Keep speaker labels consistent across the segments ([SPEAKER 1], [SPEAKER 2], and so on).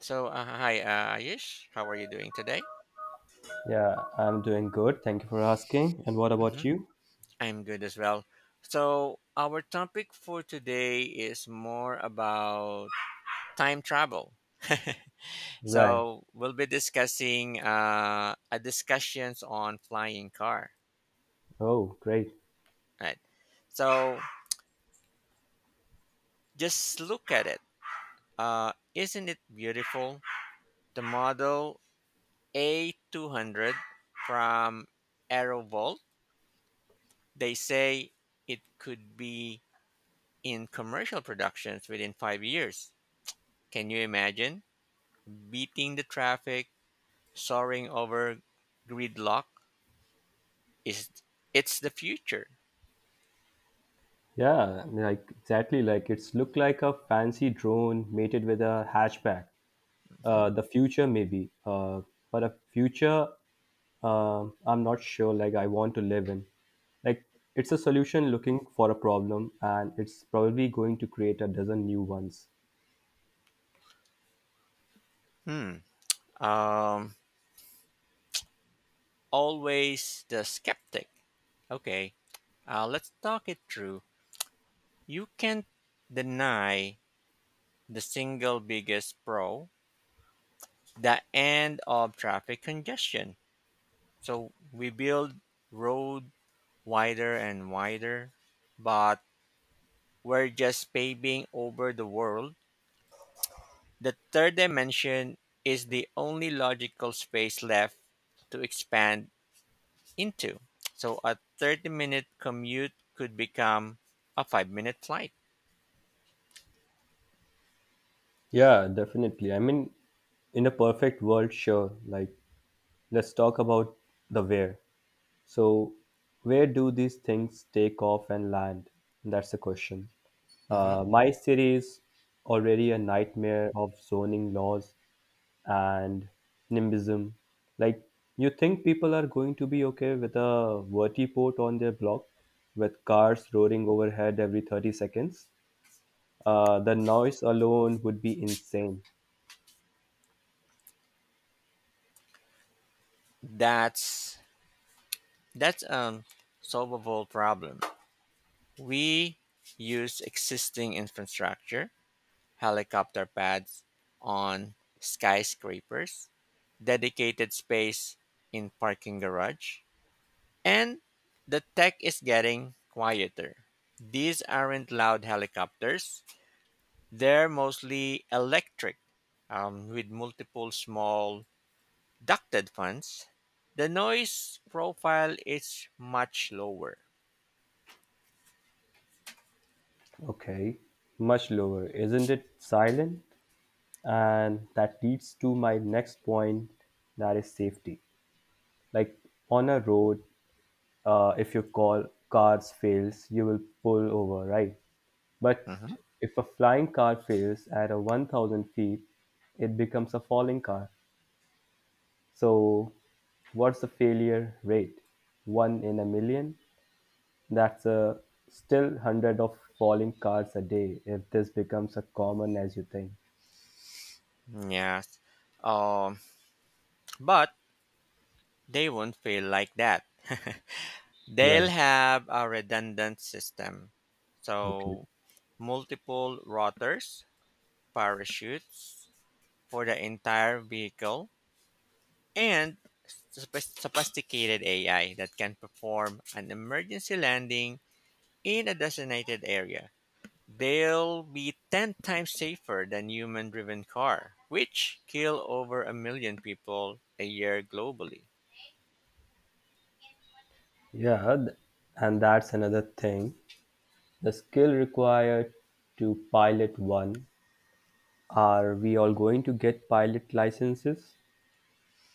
[SPEAKER 1] Hi, Ayush. How are you doing today?
[SPEAKER 2] Yeah, I'm doing good. Thank you for asking. And what about
[SPEAKER 1] Hmm.
[SPEAKER 2] you?
[SPEAKER 1] I'm good as well. So, our topic for today is more about time travel.
[SPEAKER 2] Right.
[SPEAKER 1] We'll be discussing a discussions on flying car.
[SPEAKER 2] Oh, great.
[SPEAKER 1] Right. So, just look at it. Isn't it beautiful? The model A200 from Aerovolt. They say it could be in commercial productions within 5 years. Can you imagine? Beating the traffic, soaring over gridlock is it's the future.
[SPEAKER 2] Yeah, like exactly. Like it's looked like a fancy drone mated with a hatchback.
[SPEAKER 1] Mhm.
[SPEAKER 2] The future maybe. But a future, I'm not sure. Like I want to live in. Like it's a solution looking for a problem, and it's probably going to create a dozen new ones.
[SPEAKER 1] Hmm. Um, Always the skeptic. Okay, let's talk it through. You can't deny the single biggest pro, the end of traffic congestion. So we build road wider and wider, but we're just paving over the world. The third dimension is the only logical space left to expand into. So a 30-minute commute could become a 5-minute flight.
[SPEAKER 2] Yeah, definitely. I mean, in a perfect world, sure. Like, let's talk about the where. So, where do these things take off and land? That's the question.
[SPEAKER 1] Mhm.
[SPEAKER 2] My city is already a nightmare of zoning laws and nimbism. Like, you think people are going to be okay with a vertiport on their block with cars roaring overhead every 30 seconds? The noise alone would be insane.
[SPEAKER 1] That's that's a solvable problem. We use existing infrastructure, helicopter pads on skyscrapers, dedicated space in parking garage, and the tech is getting quieter. These aren't loud helicopters, they're mostly electric with multiple small ducted fans. The noise profile is much lower.
[SPEAKER 2] Okay, much lower. Isn't it silent? And that leads to my next point that is safety. Like on a road, if your cars fails, you will pull over, right? But
[SPEAKER 1] Mhm.
[SPEAKER 2] if a flying car fails at a 1,000 feet, it becomes a falling car. So, what's the failure rate? One in a million? That's a still hundred of falling cards a day if this becomes as common as you think.
[SPEAKER 1] Yes. Um, but they won't feel like that. They'll
[SPEAKER 2] Right.
[SPEAKER 1] have a redundant system.
[SPEAKER 2] Okay.
[SPEAKER 1] So, multiple rotors, parachutes for the entire vehicle, and sophisticated AI that can perform an emergency landing in a designated area. They'll be 10 times safer than human driven car, which kill over a million people a year globally.
[SPEAKER 2] Yeah, and that's another thing. The skill required to pilot one. Are we all going to get pilot licenses?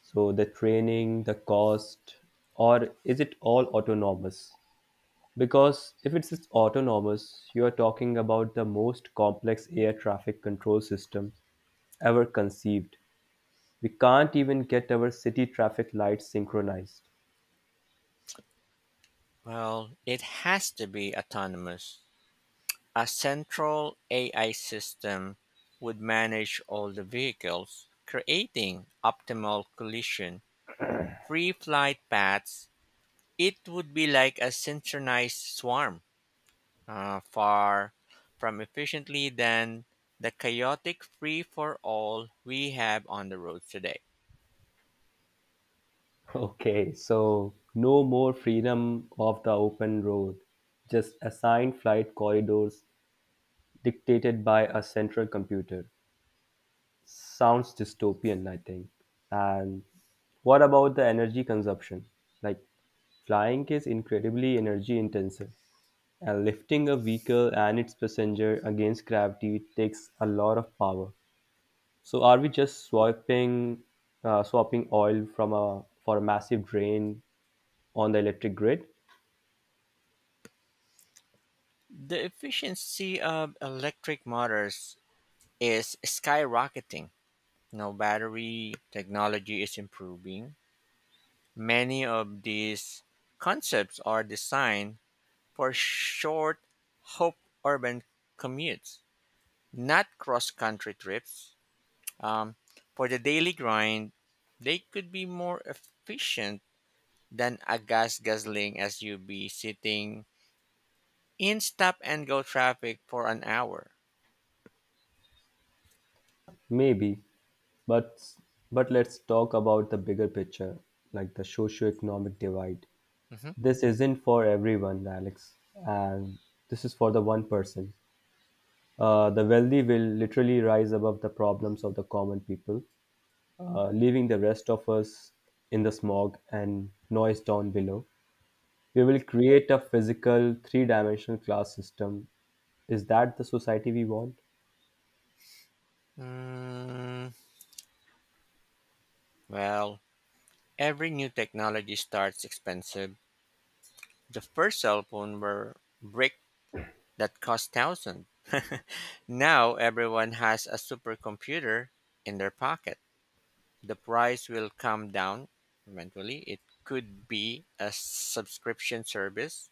[SPEAKER 2] So the training, the cost, or is it all autonomous? Because if it's autonomous, you are talking about the most complex air traffic control systems ever conceived. We can't even get our city traffic lights synchronized.
[SPEAKER 1] Well, it has to be autonomous. A central AI system would manage all the vehicles, creating optimal collision free flight paths. It would be like a synchronized swarm, far from efficiently than the chaotic free for all we have on the roads today.
[SPEAKER 2] Okay, so no more freedom of the open road, just assigned flight corridors dictated by a central computer. Sounds dystopian, I think. And what about the energy consumption? Like, flying is incredibly energy intensive, and lifting a vehicle and its passenger against gravity takes a lot of power. So are we just swapping oil from a for a massive drain on the electric grid?
[SPEAKER 1] The efficiency of electric motors is skyrocketing. No battery technology is improving. Many of these concepts are designed for short, hope urban commutes, not cross country trips. Um, for the daily grind, they could be more efficient than a gas guzzling SUV sitting in stop and go traffic for an hour.
[SPEAKER 2] Maybe, but but let's talk about the bigger picture, like the socio-economic divide.
[SPEAKER 1] Mhm.
[SPEAKER 2] This isn't for everyone, Alex, and this is for the one person. The wealthy will literally rise above the problems of the common people, leaving the rest of us in the smog and noise down below. We will create a physical, three dimensional class system. Is that the society we want?
[SPEAKER 1] Mm, well, every new technology starts expensive. The first cell phone were brick that cost thousands. Now everyone has a supercomputer in their pocket. The price will come down eventually. It could be a subscription service,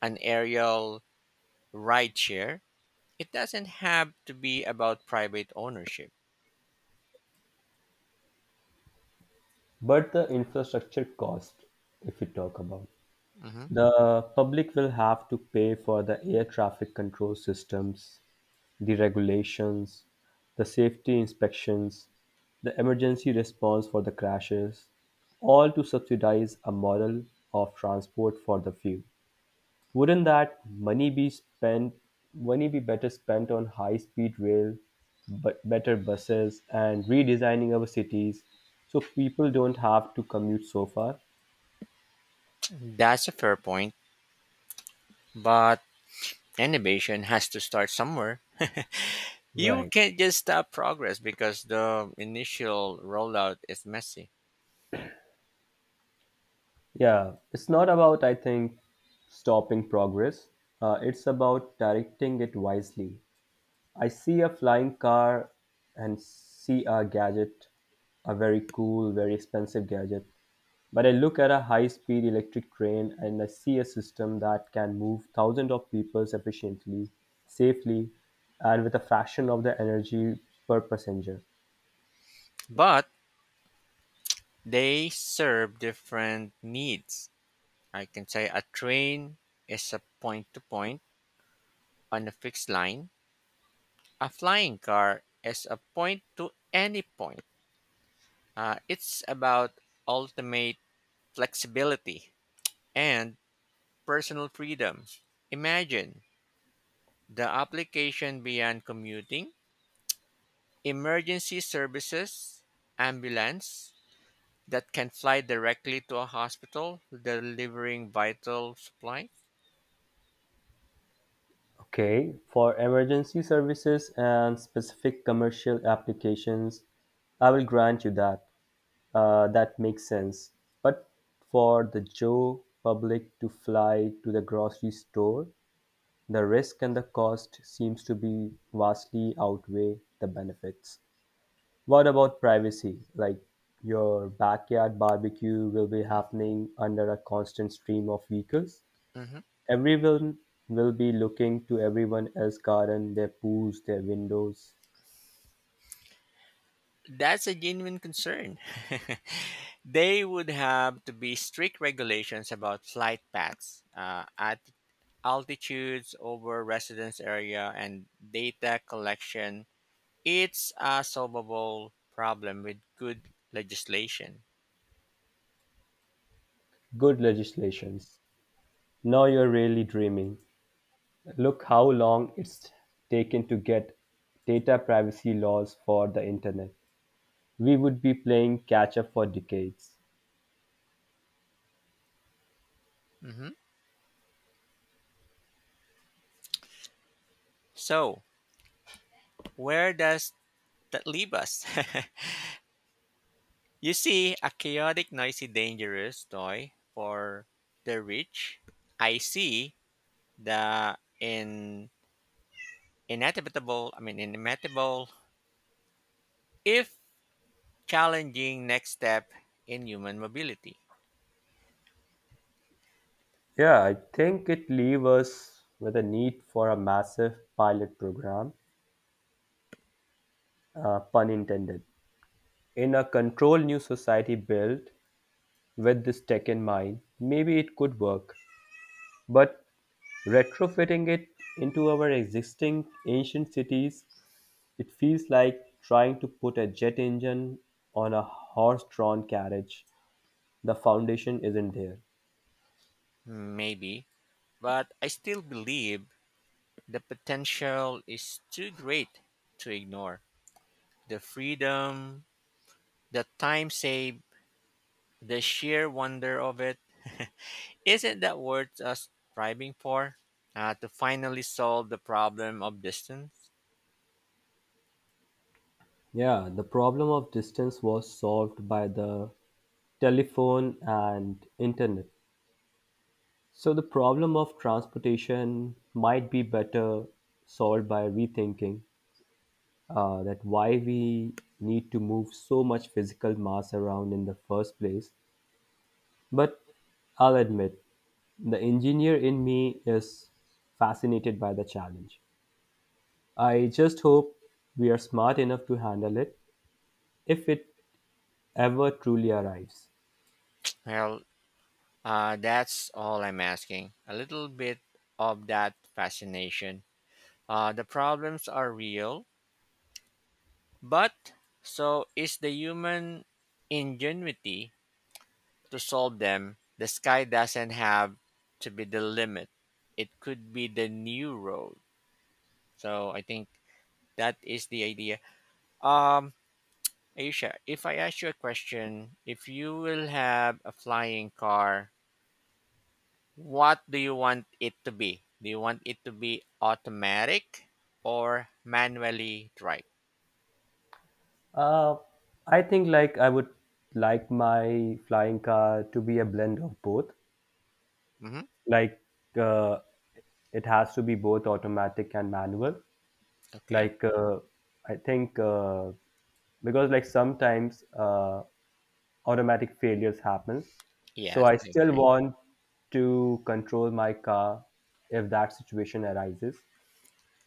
[SPEAKER 1] an aerial rideshare. It doesn't have to be about private ownership.
[SPEAKER 2] But the infrastructure cost, if we talk about,
[SPEAKER 1] Mhm.
[SPEAKER 2] the public will have to pay for the air traffic control systems, the regulations, the safety inspections, the emergency response for the crashes, all to subsidize a model of transport for the few. Wouldn't that money be spent money be better spent on high speed rail, but better buses and redesigning our cities so people don't have to commute so far?
[SPEAKER 1] That's a fair point, but innovation has to start somewhere. You
[SPEAKER 2] Right.
[SPEAKER 1] can't just stop progress because the initial rollout is messy.
[SPEAKER 2] Yeah, it's not about I think stopping progress. It's about directing it wisely. I see a flying car and see a gadget, a very cool, very expensive gadget. But I look at a high speed electric train and I see a system that can move thousands of people efficiently, safely, and with a fraction of the energy per passenger.
[SPEAKER 1] But they serve different needs. I can say a train is a point to point on a fixed line. A flying car is a point to any point. It's about ultimate flexibility and personal freedom. Imagine the application beyond commuting, emergency services, ambulance that can fly directly to a hospital delivering vital supplies.
[SPEAKER 2] Okay, for emergency services and specific commercial applications, I will grant you that. That makes sense. But for the Joe public to fly to the grocery store, the risk and the cost seems to be vastly outweigh the benefits. What about privacy? Like your backyard barbecue will be happening under a constant stream of vehicles?
[SPEAKER 1] Mhm.
[SPEAKER 2] Everyone will be looking to everyone else's garden, their pools, their windows.
[SPEAKER 1] That's a genuine concern. They would have to be strict regulations about flight paths, at altitudes over residence area, and data collection. It's a solvable problem with good legislation.
[SPEAKER 2] Good legislations. Now you're really dreaming. Look how long it's taken to get data privacy laws for the internet. We would be playing catch up for decades.
[SPEAKER 1] Mhm. So, where does that leave us? You see, a chaotic, noisy, dangerous toy for the rich. I see the inevitable, I mean, inimitable, if challenging next step in human mobility.
[SPEAKER 2] Yeah, I think it leaves us with a need for a massive pilot program, pun intended. In a controlled new society built with this tech in mind, maybe it could work. But retrofitting it into our existing ancient cities, it feels like trying to put a jet engine on a horse drawn carriage. The foundation isn't there.
[SPEAKER 1] Maybe, but I still believe the potential is too great to ignore. The freedom, the time saved, the sheer wonder of it. Isn't that worth us striving for? To finally solve the problem of distance?
[SPEAKER 2] Yeah, the problem of distance was solved by the telephone and internet. So the problem of transportation might be better solved by rethinking that why we need to move so much physical mass around in the first place. But I'll admit, the engineer in me is fascinated by the challenge. I just hope we are smart enough to handle it if it ever truly arrives.
[SPEAKER 1] Well, that's all I'm asking. A little bit of that fascination. The problems are real, but so is the human ingenuity to solve them. The sky doesn't have to be the limit. It could be the new road. So I think that is the idea. Um, Aisha, if I ask you a question, if you will have a flying car, what do you want it to be? Do you want it to be automatic or manually drive?
[SPEAKER 2] Uh, I think like I would like my flying car to be a blend of both.
[SPEAKER 1] Mm-hmm.
[SPEAKER 2] Like uh, it has to be both automatic and manual.
[SPEAKER 1] Okay.
[SPEAKER 2] Like I think Because sometimes automatic failures happens, so
[SPEAKER 1] Yes,
[SPEAKER 2] I
[SPEAKER 1] I
[SPEAKER 2] still
[SPEAKER 1] agree.
[SPEAKER 2] want to control my car if that situation arises.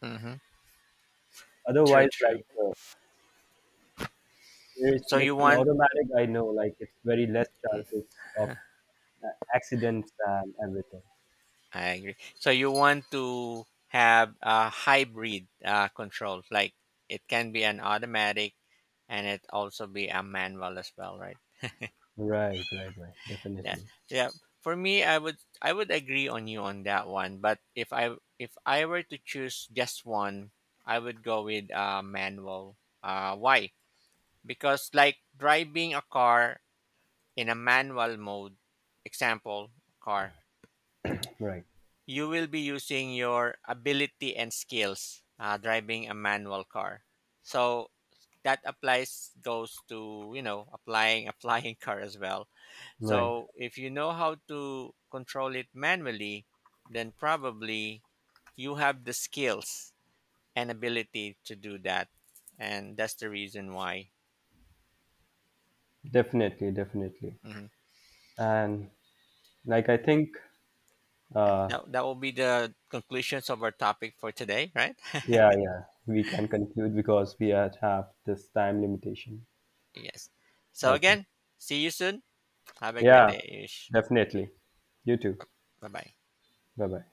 [SPEAKER 1] Mm-hmm. True,
[SPEAKER 2] Otherwise,
[SPEAKER 1] true.
[SPEAKER 2] there's
[SPEAKER 1] So
[SPEAKER 2] like
[SPEAKER 1] you
[SPEAKER 2] in
[SPEAKER 1] want.
[SPEAKER 2] automatic, I know like it's very less chances of uh, accidents and everything.
[SPEAKER 1] I agree. So you want to have a hybrid control, like it can be an automatic and it also be a manual as well, right?
[SPEAKER 2] Right, right, right.
[SPEAKER 1] Yeah,
[SPEAKER 2] Definitely.
[SPEAKER 1] yeah. For me, I would agree on you on that one. But if I were to choose just one, I would go with manual. Why? Because like driving a car in a manual mode, example car,
[SPEAKER 2] Right,
[SPEAKER 1] you will be using your ability and skills driving a manual car, so that applies goes to you know applying a flying car as well.
[SPEAKER 2] right.
[SPEAKER 1] So if you know how to control it manually, then probably you have the skills and ability to do that, and that's the reason why.
[SPEAKER 2] Definitely, definitely.
[SPEAKER 1] Mhm.
[SPEAKER 2] And like I think uh,
[SPEAKER 1] That will be the conclusions of our topic for today, right?
[SPEAKER 2] yeah, yeah. We can conclude because we are- have this time limitation.
[SPEAKER 1] Yes, so
[SPEAKER 2] Okay.
[SPEAKER 1] again, see you soon. Have a great
[SPEAKER 2] Yeah,
[SPEAKER 1] day, ish.
[SPEAKER 2] definitely. You too.
[SPEAKER 1] Bye bye.
[SPEAKER 2] Bye bye.